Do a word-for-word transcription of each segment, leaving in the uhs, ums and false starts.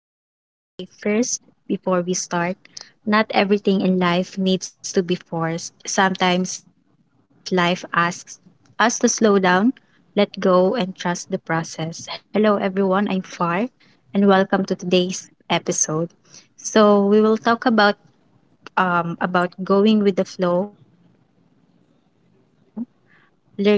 I just want to say first, before we start, not everything in life needs to be forced. Sometimes life asks us to slow down, let go, and trust the process. Hello, everyone. I'm Far, and welcome to today's episode. So we will talk about um, about going with the flow, learning to accept uncertainty,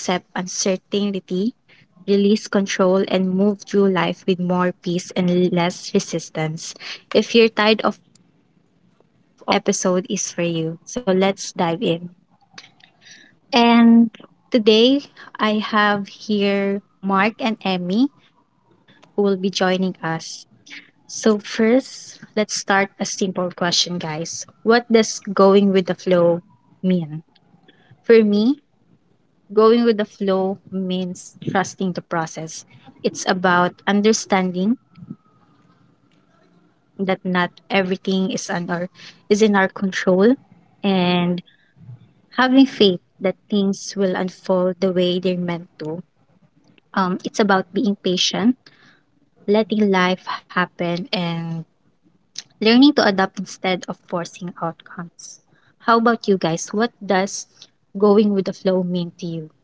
release control, and move through life with more peace and less resistance. If you're tired of overthinking or trying to control outcomes, this episode is for you. So let's dive in. And today I have here Mark and Emmy who will be joining us. So, first, let's start a simple question, guys. What does going with the flow mean? For me, going with the flow means trusting the process. It's about understanding that not everything is on our is in our control, and having faith that things will unfold the way they're meant to. Um, it's about being patient, letting life happen, and learning to adapt instead of forcing outcomes. How about you guys? What does going with the flow mean to you?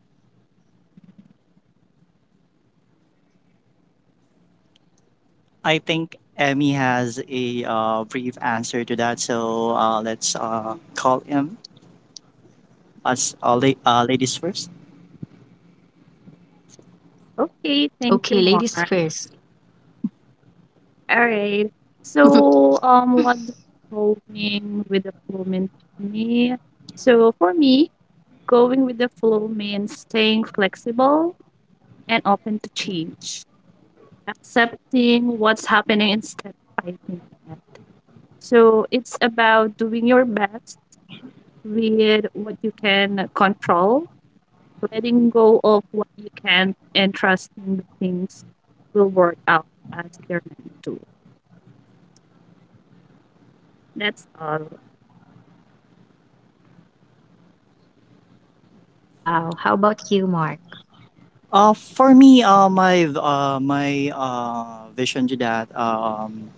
I think Emmy has a uh, brief answer to that, so uh, let's uh, call him as uh, la- uh, ladies first. Okay, thank Okay, you, ladies Mark. first. All right. So, um, what does going with the flow mean to me? So, for me, going with the flow means staying flexible and open to change, accepting what's happening instead of fighting it. So, it's about doing your best with what you can control, letting go of what you can't, and trusting the things will work out as they're meant to. That's all. Wow. How about you, Mark? Uh, for me, uh, my v- uh, my uh, vision to that, um,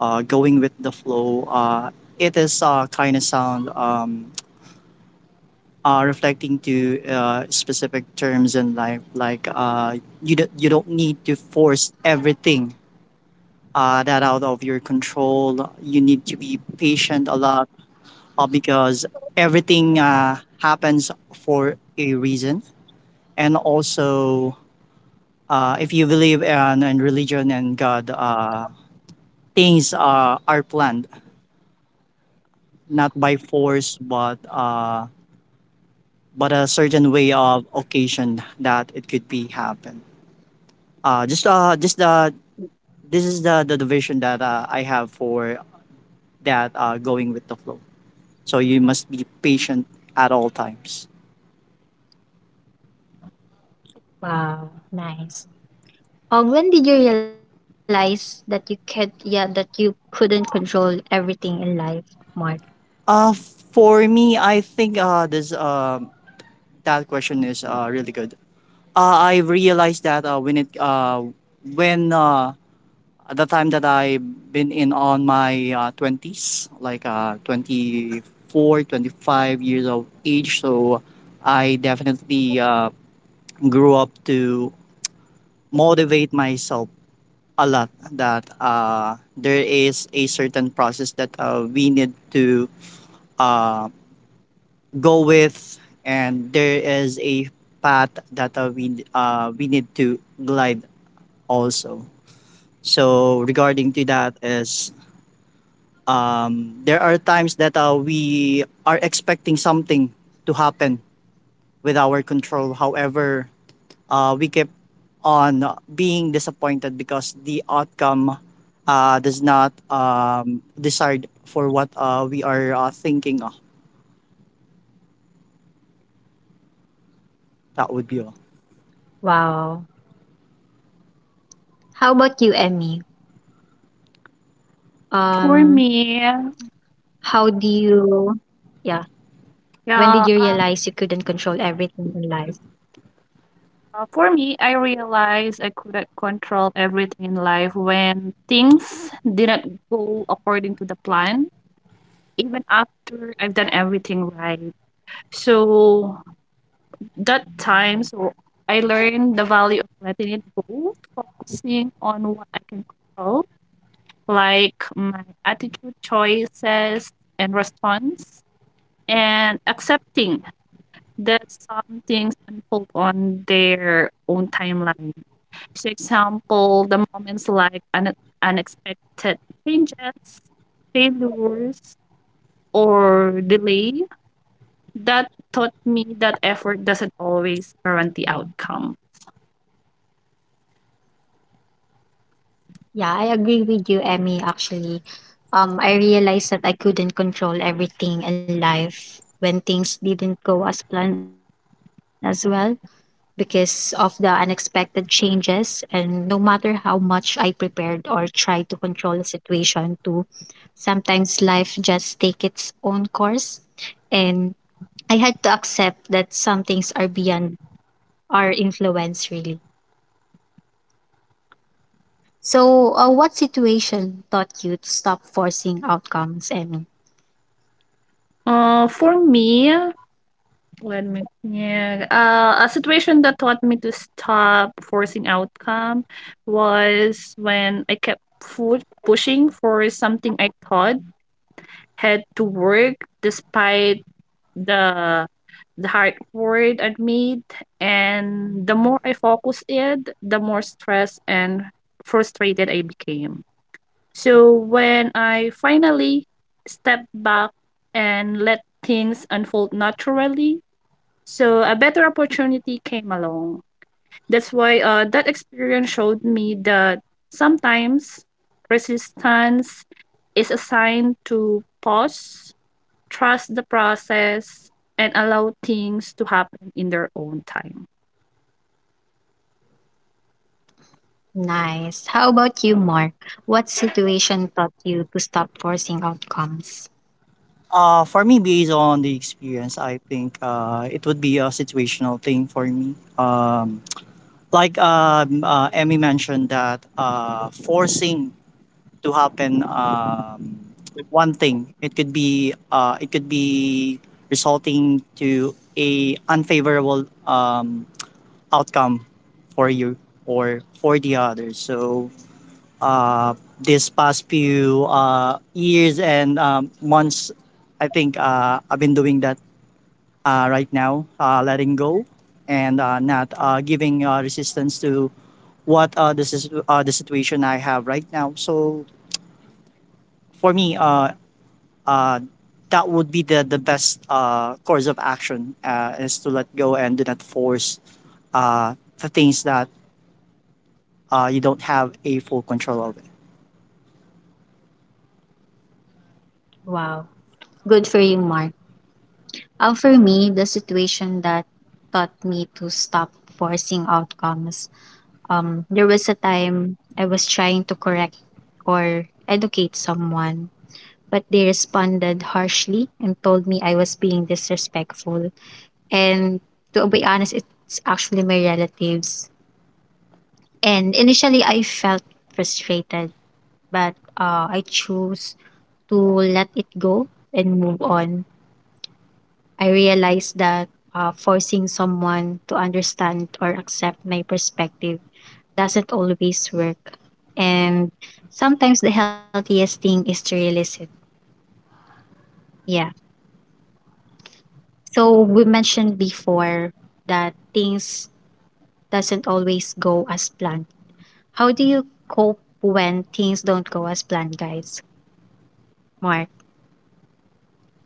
uh, going with the flow, uh, it is uh, kind of sound um, uh, reflecting to uh, specific terms in life. Like uh, you, do- you don't need to force everything uh, that out of your control. You need to be patient a lot uh, because everything uh, happens for a reason. And also, uh, if you believe in, in religion and God, uh, things uh, are planned not by force, but uh, but a certain way of occasion that it could be happen. Uh, just uh, just the This is the the division that uh, I have for that uh, going with the flow. So you must be patient at all times. Wow, nice. Um, when did you realize that you could, yeah, that you couldn't control everything in life, Mark? Uh, for me, I think uh, this um that question is uh, really good. Uh, I realized that uh, when it uh, when uh, at the time that I've been in on my uh, twenties, like uh, twenty-four, twenty-five years of age, so I definitely uh, grew up to motivate myself a lot that uh, there is a certain process that uh, we need to um, go with, and there is a path that uh, we uh, we need to glide also. So regarding to that is um, there are times that uh, we are expecting something to happen with our control. However, uh, we keep on being disappointed because the outcome uh, does not um, decide for what uh, we are uh, thinking of. That would be all. Wow. How about you, Emmy? Um, For me, how do you, yeah, when did you yeah, realize you couldn't control everything in life? uh, for me, I realized I couldn't control everything in life when things didn't go according to the plan, even after I've done everything right. So that time, so I learned the value of letting it go, focusing on what I can control, like my attitude choices and response, and accepting that some things unfold on their own timeline. So, example, the moments like un- unexpected changes, failures, or delay that taught me that effort doesn't always guarantee outcome. Yeah, I agree with you, Emmy, actually. Um, I realized that I couldn't control everything in life when things didn't go as planned as well, because of the unexpected changes. And no matter how much I prepared or tried to control the situation, to sometimes life just take its own course. And I had to accept that some things are beyond our influence, really. So, uh, what situation taught you to stop forcing outcomes, Emmy? Uh, for me, let me yeah, uh, a situation that taught me to stop forcing outcome was when I kept fu- pushing for something I thought had to work despite the the hard work I made, and the more I focused it, the more stressed and frustrated I became. So when I finally stepped back and let things unfold naturally, so a better opportunity came along. That's why uh, that experience showed me that sometimes resistance is a sign to pause, trust the process, and allow things to happen in their own time. Nice. How about you, Mark? What situation taught you to stop forcing outcomes? Uh, for me, based on the experience, I think uh, it would be a situational thing for me. Um, like um, uh, Emmy mentioned that uh, forcing to happen um, one thing, it could be uh, it could be resulting to a unfavorable um, outcome for you or for the others. So uh, this past few uh, years and um, months, I think uh, I've been doing that uh, right now, uh, letting go and uh, not uh, giving uh, resistance to what uh, this is uh, the situation I have right now. So for me, uh, uh, that would be the the best uh, course of action uh, is to let go and do not force uh, the things that uh, you don't have a full control over. Wow. Good for you, Mark. Uh, for me, the situation that taught me to stop forcing outcomes. Um, there was a time I was trying to correct or educate someone, but they responded harshly and told me I was being disrespectful. And to be honest, it's actually my relatives. And initially, I felt frustrated, but uh, I chose to let it go and move on. I realized that uh, forcing someone to understand or accept my perspective doesn't always work. And sometimes the healthiest thing is to release it. Yeah. So we mentioned before that things doesn't always go as planned. How do you cope when things don't go as planned, guys? Mark,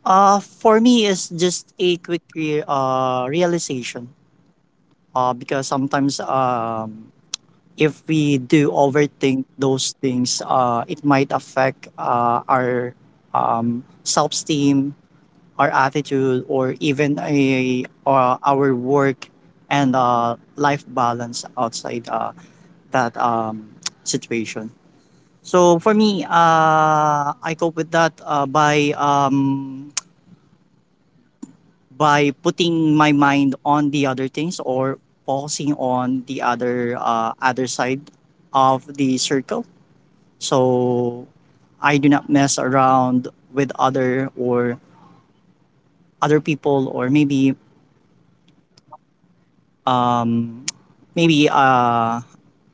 Uh, for me, it's just a quick re- uh, realization. Uh, because sometimes um, if we do overthink those things, uh, it might affect uh, our um, self-esteem, our attitude, or even a, uh, our work and uh, life balance outside uh, that um, situation. So for me, uh, I cope with that uh, by um, by putting my mind on the other things or focusing on the other uh, other side of the circle so I do not mess around with other or other people or maybe um maybe uh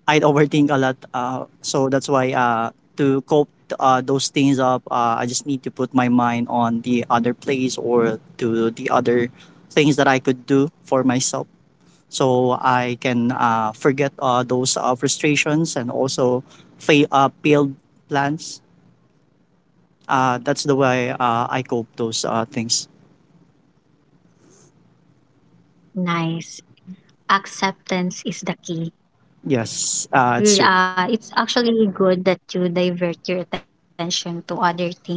I'd overthink a lot uh so that's why uh to cope uh, those things up uh, I just need to put my mind on the other place or to the other things that I could do for myself so I can uh, forget uh, those uh, frustrations and also fa- uh, failed plans. Uh, that's the way uh, I cope those uh, things. nice. Acceptance is the key. Yes, uh, it's Re- true. Uh, it's actually good that you divert your attention to other things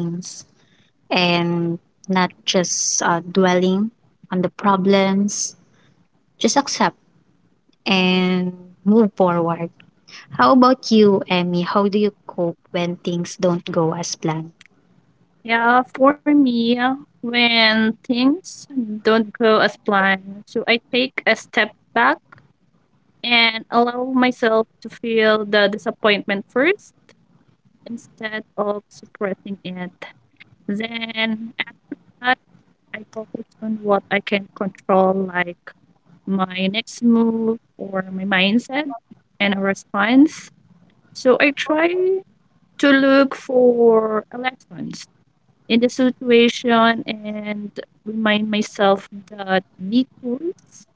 and not just uh, dwelling on the problems. Just accept and move forward. How about you, Emmy? How do you cope when things don't go as planned? Yeah, for me, when things don't go as planned, so I take a step back and allow myself to feel the disappointment first instead of suppressing it. Then at night, I focus on what I can control, like my next move or my mindset and a response. So I try to look for a lessons in the situation and remind myself that detours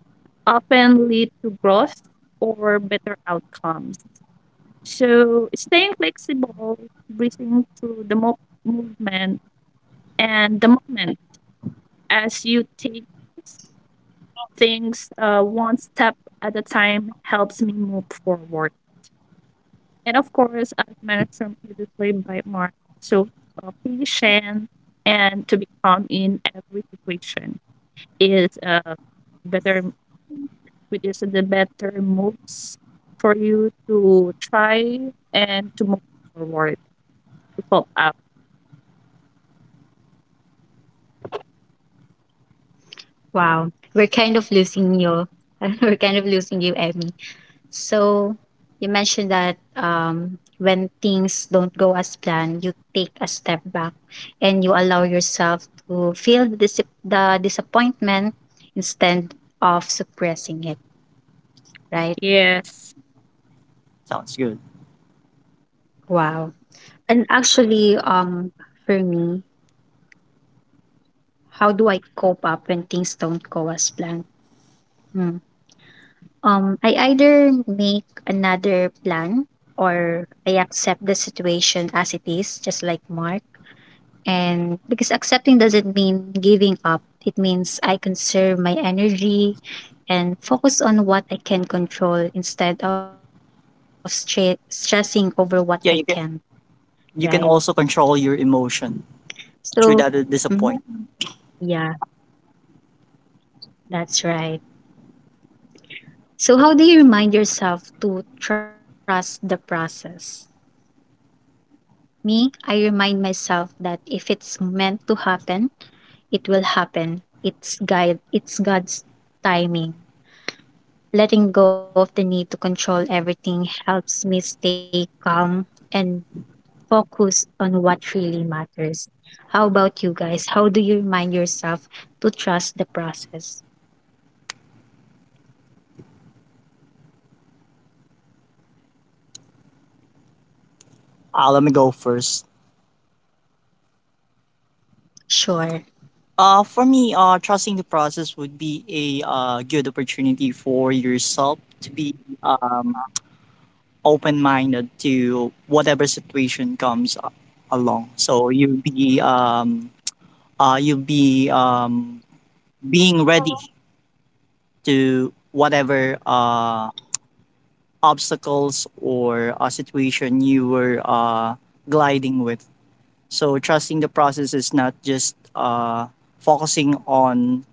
often lead to growth or better outcomes. So staying flexible, breathing through the mo- movement and the moment as you take things uh, one step at a time helps me move forward. And of course, as mentioned previously by Mark, so uh, patient and to be calm in every situation is uh, better, which is the better moves for you to try and to move forward to cope up. Wow, we're kind of losing you. We're kind of losing you, Emmy. So you mentioned that um, when things don't go as planned, you take a step back and you allow yourself to feel the, dis- the disappointment instead of suppressing it, right? Yes. Sounds good. Wow. And actually, um, for me, how do I cope up when things don't go as planned? Hmm. Um, I either make another plan or I accept the situation as it is, just like Mark. And because accepting doesn't mean giving up, it means I conserve my energy and focus on what I can control instead of stre- stressing over what I can, Yeah, you can right? you can also control your emotion through So, that uh, mhm, disappointment. yeah, that's right. So, how do you remind yourself to trust the process? Me, I remind myself that if it's meant to happen, it will happen. It's guide, it's God's timing. Letting go of the need to control everything helps me stay calm and focus on what really matters. How about you guys? How do you remind yourself to trust the process? Uh, let me go first. Sure, Uh, for me, uh, trusting the process would be a uh, good opportunity for yourself to be um, open minded to whatever situation comes a- along. So you'll be um uh you'll be um being ready to whatever uh obstacles or uh, situation you were uh gliding with. So trusting the process is not just uh focusing on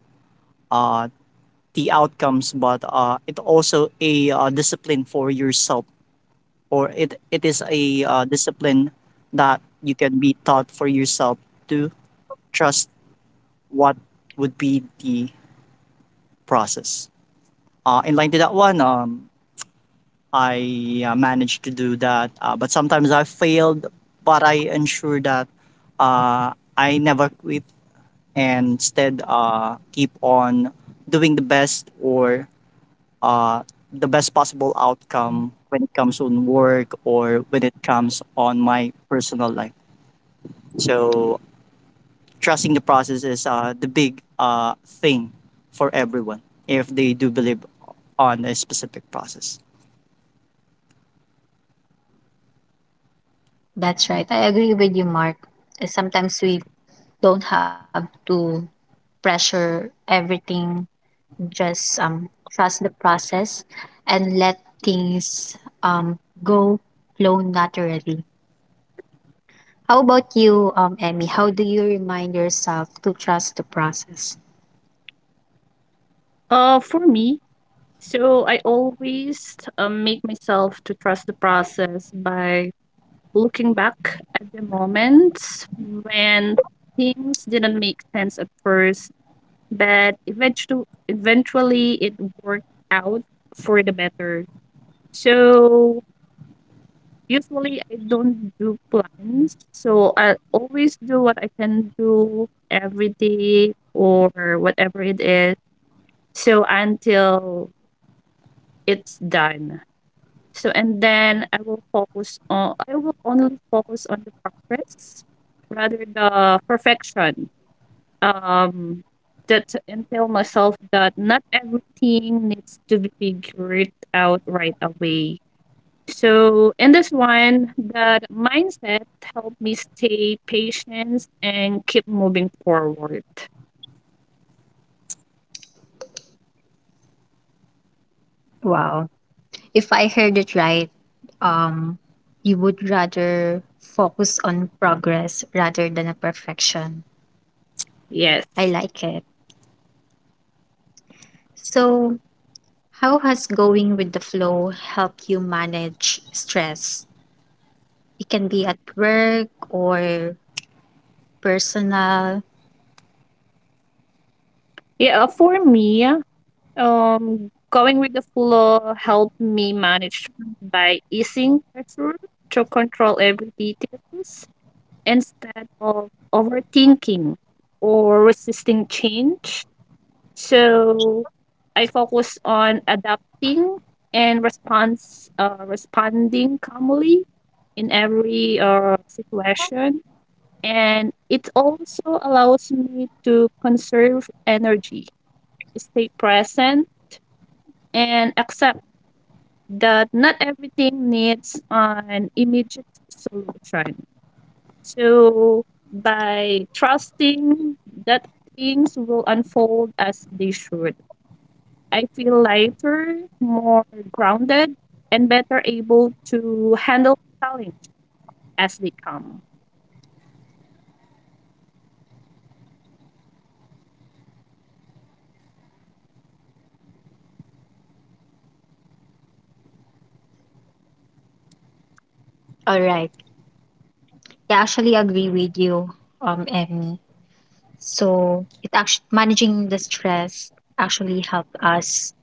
uh the outcomes but uh it also a uh, discipline for yourself or it it is a uh, discipline that you can be taught for yourself to trust what would be the process. Uh, in line to that one, um, I uh, managed to do that, uh, but sometimes I failed. But I ensure that uh, I never quit and instead uh, keep on doing the best or uh, the best possible outcome when it comes on work or when it comes on my personal life. So trusting the process is uh, the big uh, thing for everyone if they do believe on a specific process. that's right. I agree with you, Mark. Uh, Sometimes we don't have to pressure everything, just um, trust the process and let things um, go flow naturally. How about you, um, Emmy? How do you remind yourself to trust the process? Uh, for me, so I always um, make myself to trust the process by looking back at the moments when things didn't make sense at first, but eventually, eventually it worked out for the better. So usually I don't do plans, so I always do what I can do every day or whatever it is. So until it's done. So and then I will focus on I will only focus on the progress rather the perfection. Um that and tell myself that not everything needs to be figured out right away. So in this one, that mindset helped me stay patient and keep moving forward. Wow. If I heard it right, um, you would rather focus on progress rather than a perfection. Yes. I like it. So, how has going with the flow helped you manage stress? It can be at work or personal. Yeah, for me, Um, going with the flow helped me manage by easing pressure to control every details instead of overthinking or resisting change. So I focus on adapting and response uh, responding calmly in every uh, situation, and it also allows me to conserve energy, stay present, and accept that not everything needs an immediate solution. So, by trusting that things will unfold as they should, I feel lighter, more grounded, and better able to handle challenges as they come. All right. I actually agree with you, um, Emmy. So it actually managing the stress actually help us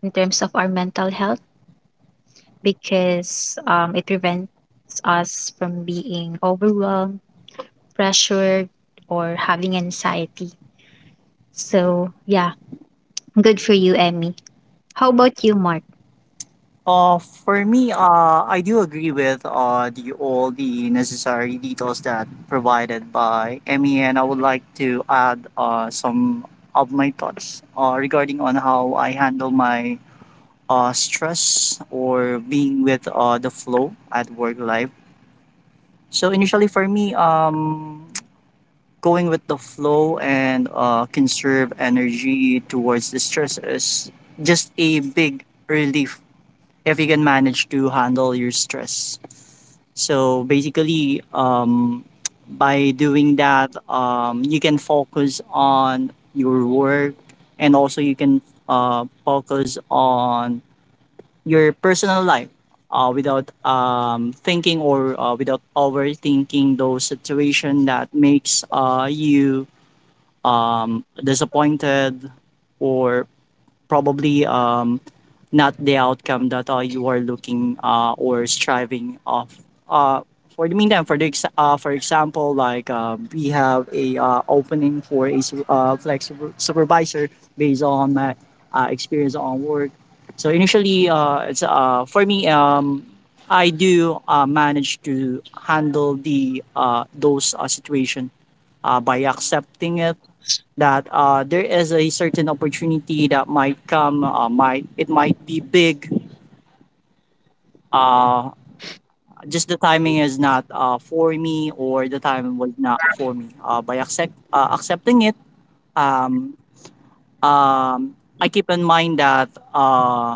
in terms of our mental health because um, it prevents us from being overwhelmed, pressured, or having anxiety. So yeah, good for you, Emmy. How about you, Mark? Uh, for me, uh, I do agree with uh, the all the necessary details that provided by Emmy, and I would like to add uh, some of my thoughts uh, regarding on how I handle my uh, stress or being with uh, the flow at work life. So initially for me, um, going with the flow and uh, conserve energy towards the stress is just a big relief if you can manage to handle your stress. So basically, um, by doing that, um, you can focus on your work and also you can uh, focus on your personal life uh, without um, thinking or uh, without overthinking those situation that makes uh, you um, disappointed or probably um, not the outcome that uh, you are looking uh, or striving of. Uh, for the meantime, for the ex- uh, for example, like uh, we have a uh, opening for a su- uh, flex super- supervisor based on my uh, experience on work. So initially, uh, it's uh, for me. Um, I do uh, manage to handle the uh, those uh, situation uh, by accepting it that uh, there is a certain opportunity that might come. Uh, might it might be big. Uh, just the timing is not uh, for me, or the time was not for me. Uh, by accept uh, accepting it, um, um, I keep in mind that uh,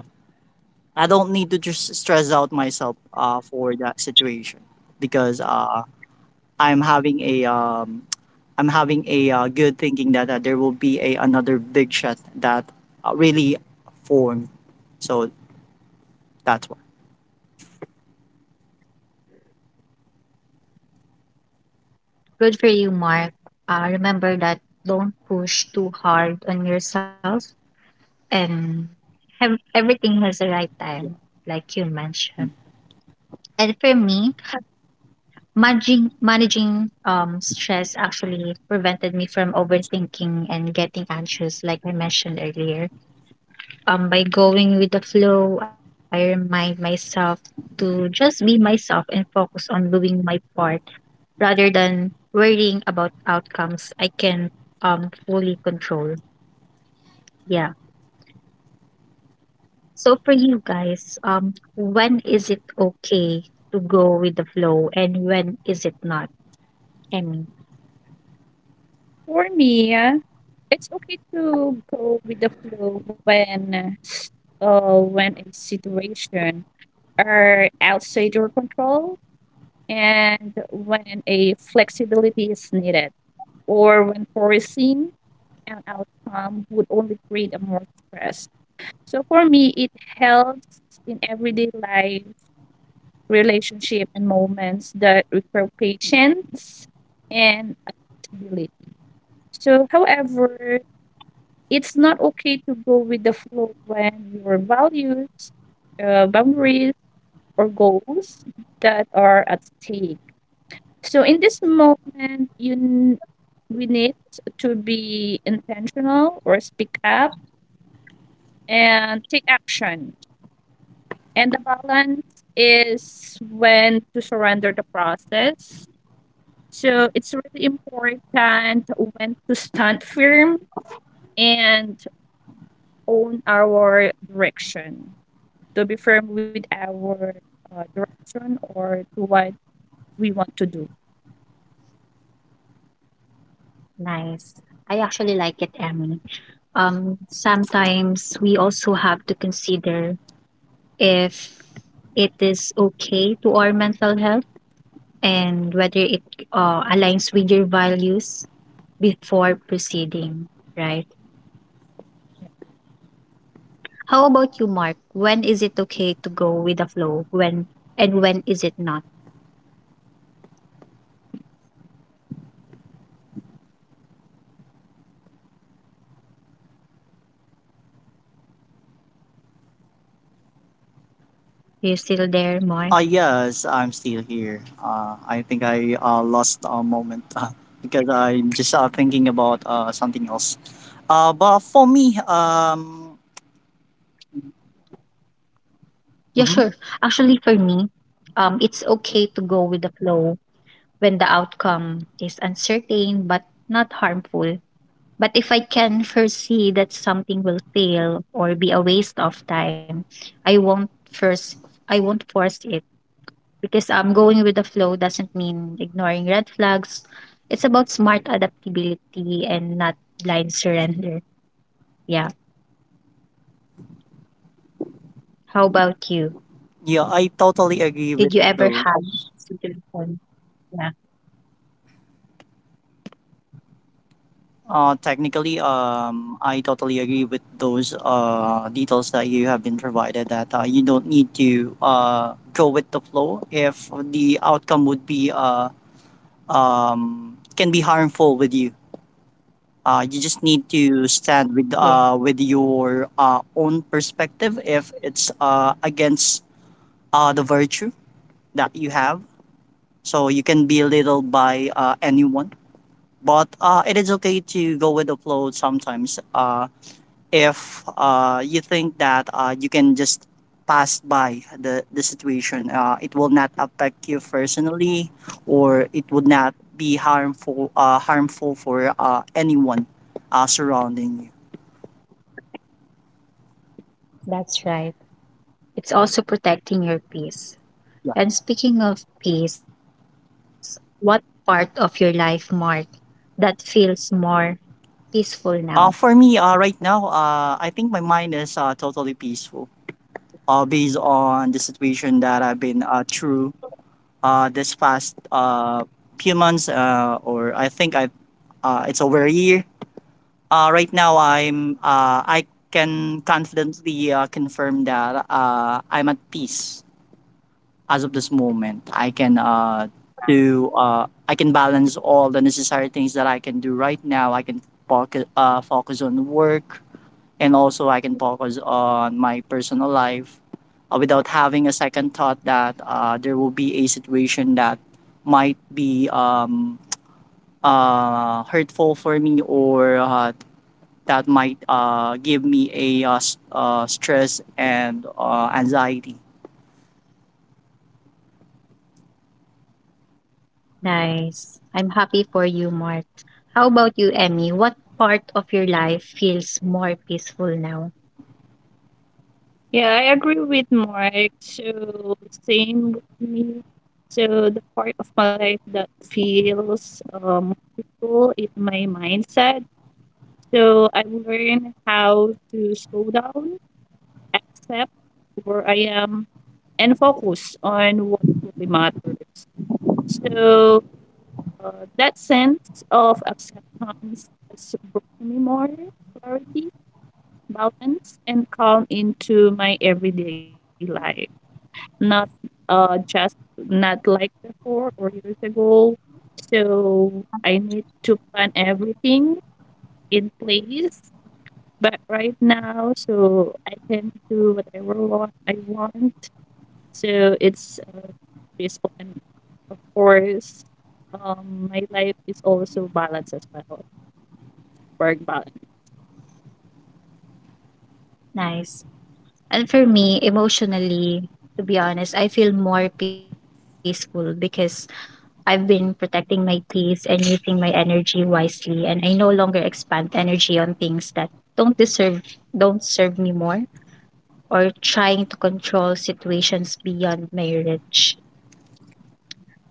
I don't need to just stress out myself uh, for that situation because uh, I'm having a um, I'm having a uh, good thinking that uh, there will be a another big shot that uh, really formed. So that's why. Good for you, Mark. Uh, remember that don't push too hard on yourself, and have, everything has a right Yeah. time, like you mentioned. And for me, Managing managing um stress actually prevented me from overthinking and getting anxious like I mentioned earlier. Um, by going with the flow, I remind myself to just be myself and focus on doing my part rather than worrying about outcomes I can um fully control. Yeah. So for you guys, um, when is it okay to go with the flow and when is it not? I For me, it's okay to go with the flow when uh, when a situation are outside your control and when a flexibility is needed, or when foreseeing an outcome would only create a more stress. So for me, it helps in everyday life, relationship, and moments that require patience and adaptability. So, however, it's not okay to go with the flow when your values, uh, boundaries, or goals that are at stake. So in this moment, you n- we need to be intentional or speak up and take action. And the balance is when to surrender the process. So it's really important when to stand firm and own our direction, to be firm with our uh, direction or to what we want to do. Nice. I actually like it, Emmy. Um, sometimes we also have to consider if it is okay to our mental health and whether it uh, aligns with your values before proceeding, right? How about you, Mark? When is it okay to go with the flow? When And when is it not? You still there, Uh, Mark? Yes, I'm still here. Uh, I think I uh, lost a moment uh, because I'm just uh, thinking about uh, something else. Uh, but for me, um, Yeah, sure. Actually, for me, mhm, um, it's okay to go with the flow when the outcome is uncertain but not harmful. But if I can foresee that something will fail or be a waste of time, I won't first I won't force it, because um going with the flow doesn't mean ignoring red flags. It's about smart adaptability and not blind surrender. Yeah. How about you? yeah, I totally agree with Did you ever those. have a situation? Yeah. Uh, technically, um, I totally agree with those uh, details that you have been provided. That uh, you don't need to uh, go with the flow if the outcome would be uh, um, can be harmful with you. Uh, you just need to stand with Yeah, uh, with your uh, own perspective if it's uh, against uh, the virtue that you have. So you can be belittled by uh, anyone, but uh, it is okay to go with the flow sometimes. Uh, if uh, you think that uh, you can just pass by the, the situation. Uh, it will not affect you personally, or it would not be harmful uh, harmful for uh, anyone uh, surrounding you. that's right. It's also protecting your peace. And speaking of peace, what part of your life, Mark, that feels more peaceful now? Uh, for me, uh, right now, uh, I think my mind is uh, totally peaceful uh, based on the situation that I've been uh, through uh, this past uh, few months, uh, or I think I uh, it's over a year. Uh, right now, I'm uh, I can confidently uh, confirm that uh, I'm at peace as of this moment. I can uh, do uh, I can balance all the necessary things that I can do right now. I can focus uh, focus on work and also I can focus on my personal life uh, without having a second thought that uh, there will be a situation that might be um, uh, hurtful for me or uh, that might uh, give me a uh, s- uh, stress and uh, anxiety. Nice. I'm happy for you, Mark. How about you, Emmy? What part of your life feels more peaceful now? Yeah, I agree with Mark. So same with me. So the part of my life that feels um peaceful is my mindset. So I've learned how to slow down, accept where I am, and focus on what really matters. So uh, that sense of acceptance has brought me more clarity, balance, and calm into my everyday life. Not uh just not like before or years ago. So I need to plan everything in place. But right now, so I can do whatever what I want. So it's uh, peaceful, and of course, um, my life is also balanced as well, work balance. Nice. And for me, emotionally, to be honest, I feel more peaceful because I've been protecting my peace and using my energy wisely, and I no longer expend energy on things that don't deserve don't serve me more, or trying to control situations beyond marriage.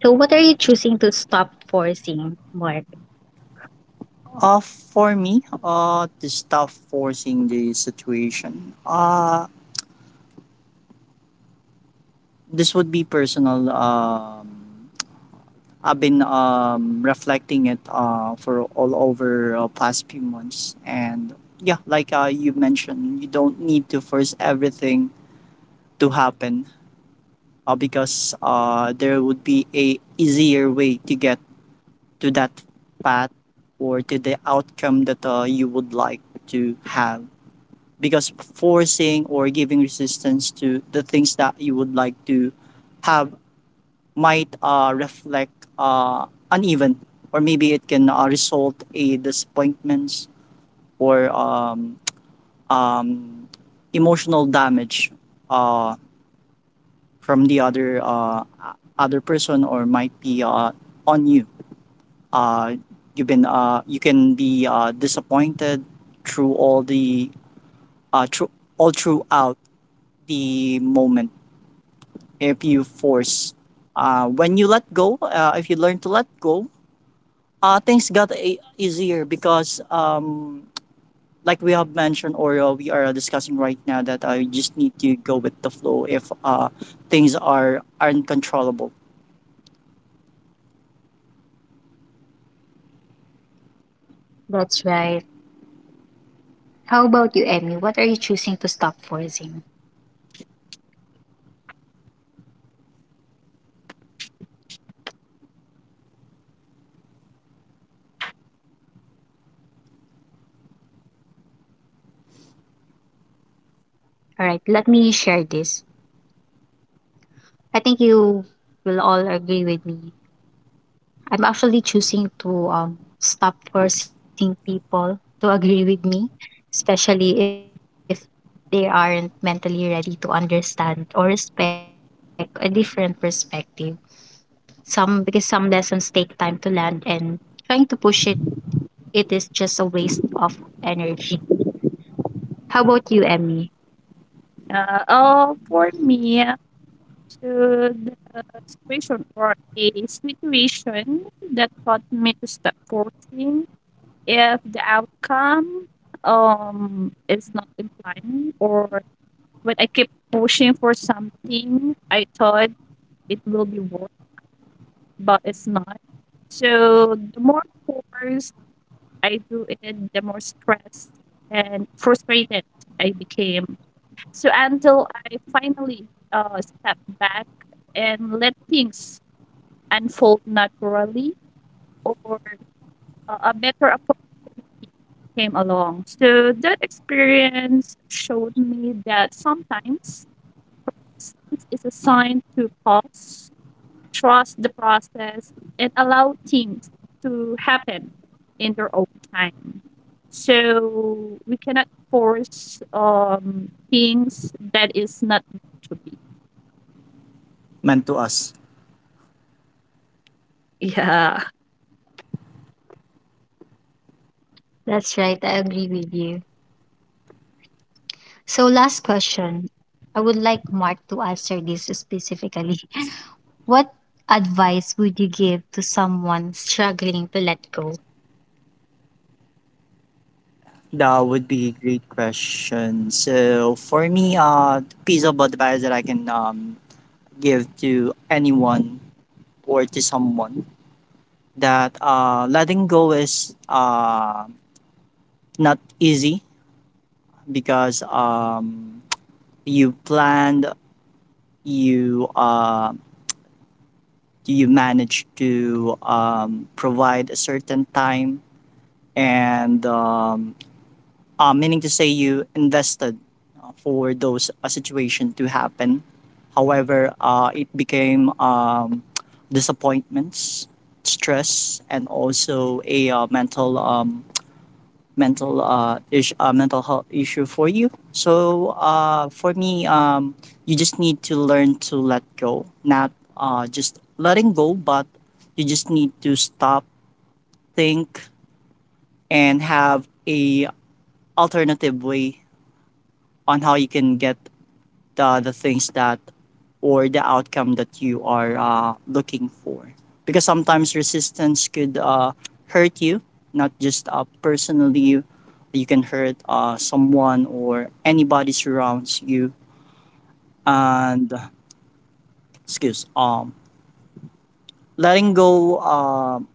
So, what are you choosing to stop forcing, Mark? Uh, for me, uh, the stuff forcing the situation. Uh, this would be personal. Um, I've been um, reflecting it uh, for all over uh, past few months, and yeah, like uh, you mentioned, you don't need to force everything to happen uh, because uh, there would be a easier way to get to that path or to the outcome that uh, you would like to have because forcing or giving resistance to the things that you would like to have might uh, reflect uh, uneven or maybe it can uh, result a disappointments or um, um, emotional damage uh, from the other uh, other person or might be uh, on you uh, you've been uh, you can be uh, disappointed through all the uh, through, all throughout the moment if you force uh, when you let go uh, if you learn to let go uh, things got a- easier because um, like we have mentioned or uh, we are discussing right now that I just need to go with the flow if uh, things are uncontrollable That's right. How about you, Emmy? What are you choosing to stop forcing? All right, let me share this. I think you will all agree with me. I'm actually choosing to um, stop forcing people to agree with me, especially if they aren't mentally ready to understand or respect a different perspective. Some because some lessons take time to land, and trying to push it it is just a waste of energy. How about you, Emmy? Uh, oh, for me, to the situation or a situation that taught me to stop forcing if the outcome um is not implying, or when I keep pushing for something I thought it will be worth but it's not. So the more force I do it, the more stressed and frustrated I became. So until I finally uh step back and let things unfold naturally, or a a better opportunity came along. So that experience showed me that sometimes silence is a sign to pause, trust the process, and allow things to happen in their own time. So we cannot force um, things that is not meant to be. meant to us. That's right, I agree with you. So, last question. I would like Mark to answer this specifically. What advice would you give to someone struggling to let go? That would be a great question. So for me, uh, the piece of advice that I can um, give to anyone or to someone that uh, letting go is uh, not easy because um, you planned, you uh, you managed to um, provide a certain time and um, uh, meaning to say you invested uh, for those uh, situation to happen. However, uh, it became um, disappointments, stress, and also a uh, mental um, mental uh, ish, uh, mental health issue for you. So uh, for me, um, you just need to learn to let go, not uh, just letting go, but you just need to stop, think, and have a alternative way on how you can get the the things that or the outcome that you are uh, looking for because sometimes resistance could uh, hurt you not just uh, personally you can hurt uh, someone or anybody surrounds you and excuse um letting go um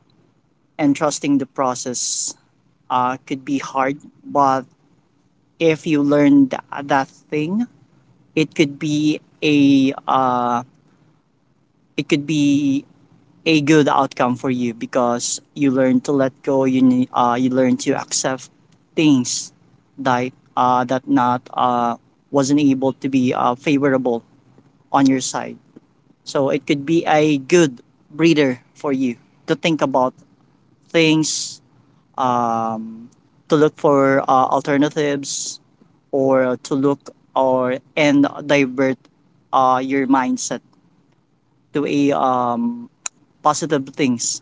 and trusting the process uh, could be hard but if you learn that, that thing it could be a uh, it could be a good outcome for you because you learn to let go. You ne- uh, you learn to accept things that uh, that not uh, wasn't able to be uh, favorable on your side. So it could be a good breather for you to think about things, um, to look for uh, alternatives, or to look or and divert uh, your mindset to a um, positive things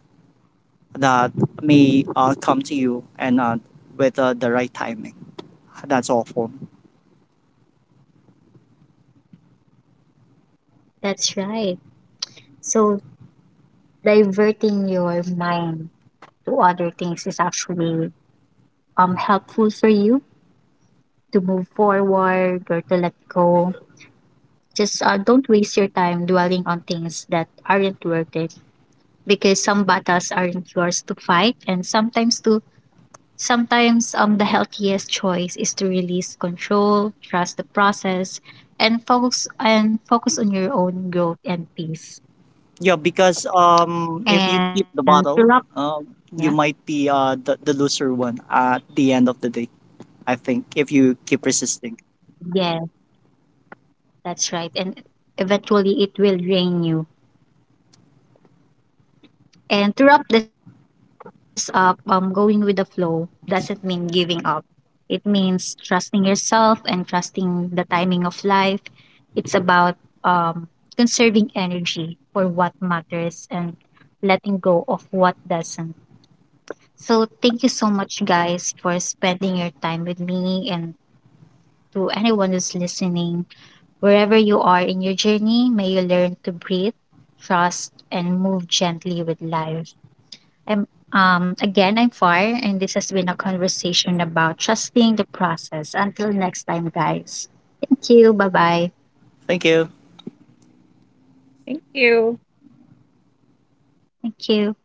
that may uh, come to you and uh, with uh, the right timing. That's all for me. That's right. So, diverting your mind to other things is actually um helpful for you to move forward or to let go. Just uh, don't waste your time dwelling on things that aren't worth it, because some battles aren't yours to fight, and sometimes to sometimes um the healthiest choice is to release control, trust the process, and focus and focus on your own growth and peace. Yeah, because um, if you And keep to the love, bottle, uh, yeah. you might be uh, the, the loser one at the end of the day, I think, if you keep resisting. Yeah, that's right. And eventually it will drain you. And to wrap this up, um, going with the flow doesn't mean giving up. It means trusting yourself and trusting the timing of life. It's about um, conserving energy for what matters and letting go of what doesn't. So, thank you so much, guys, for spending your time with me and to anyone who's listening. Wherever you are in your journey, may you learn to breathe, trust, and move gently with life. I'm um again I'm Far, and this has been a conversation about trusting the process. Until next time, guys. Thank you. Bye bye. Thank you. Thank you. Thank you.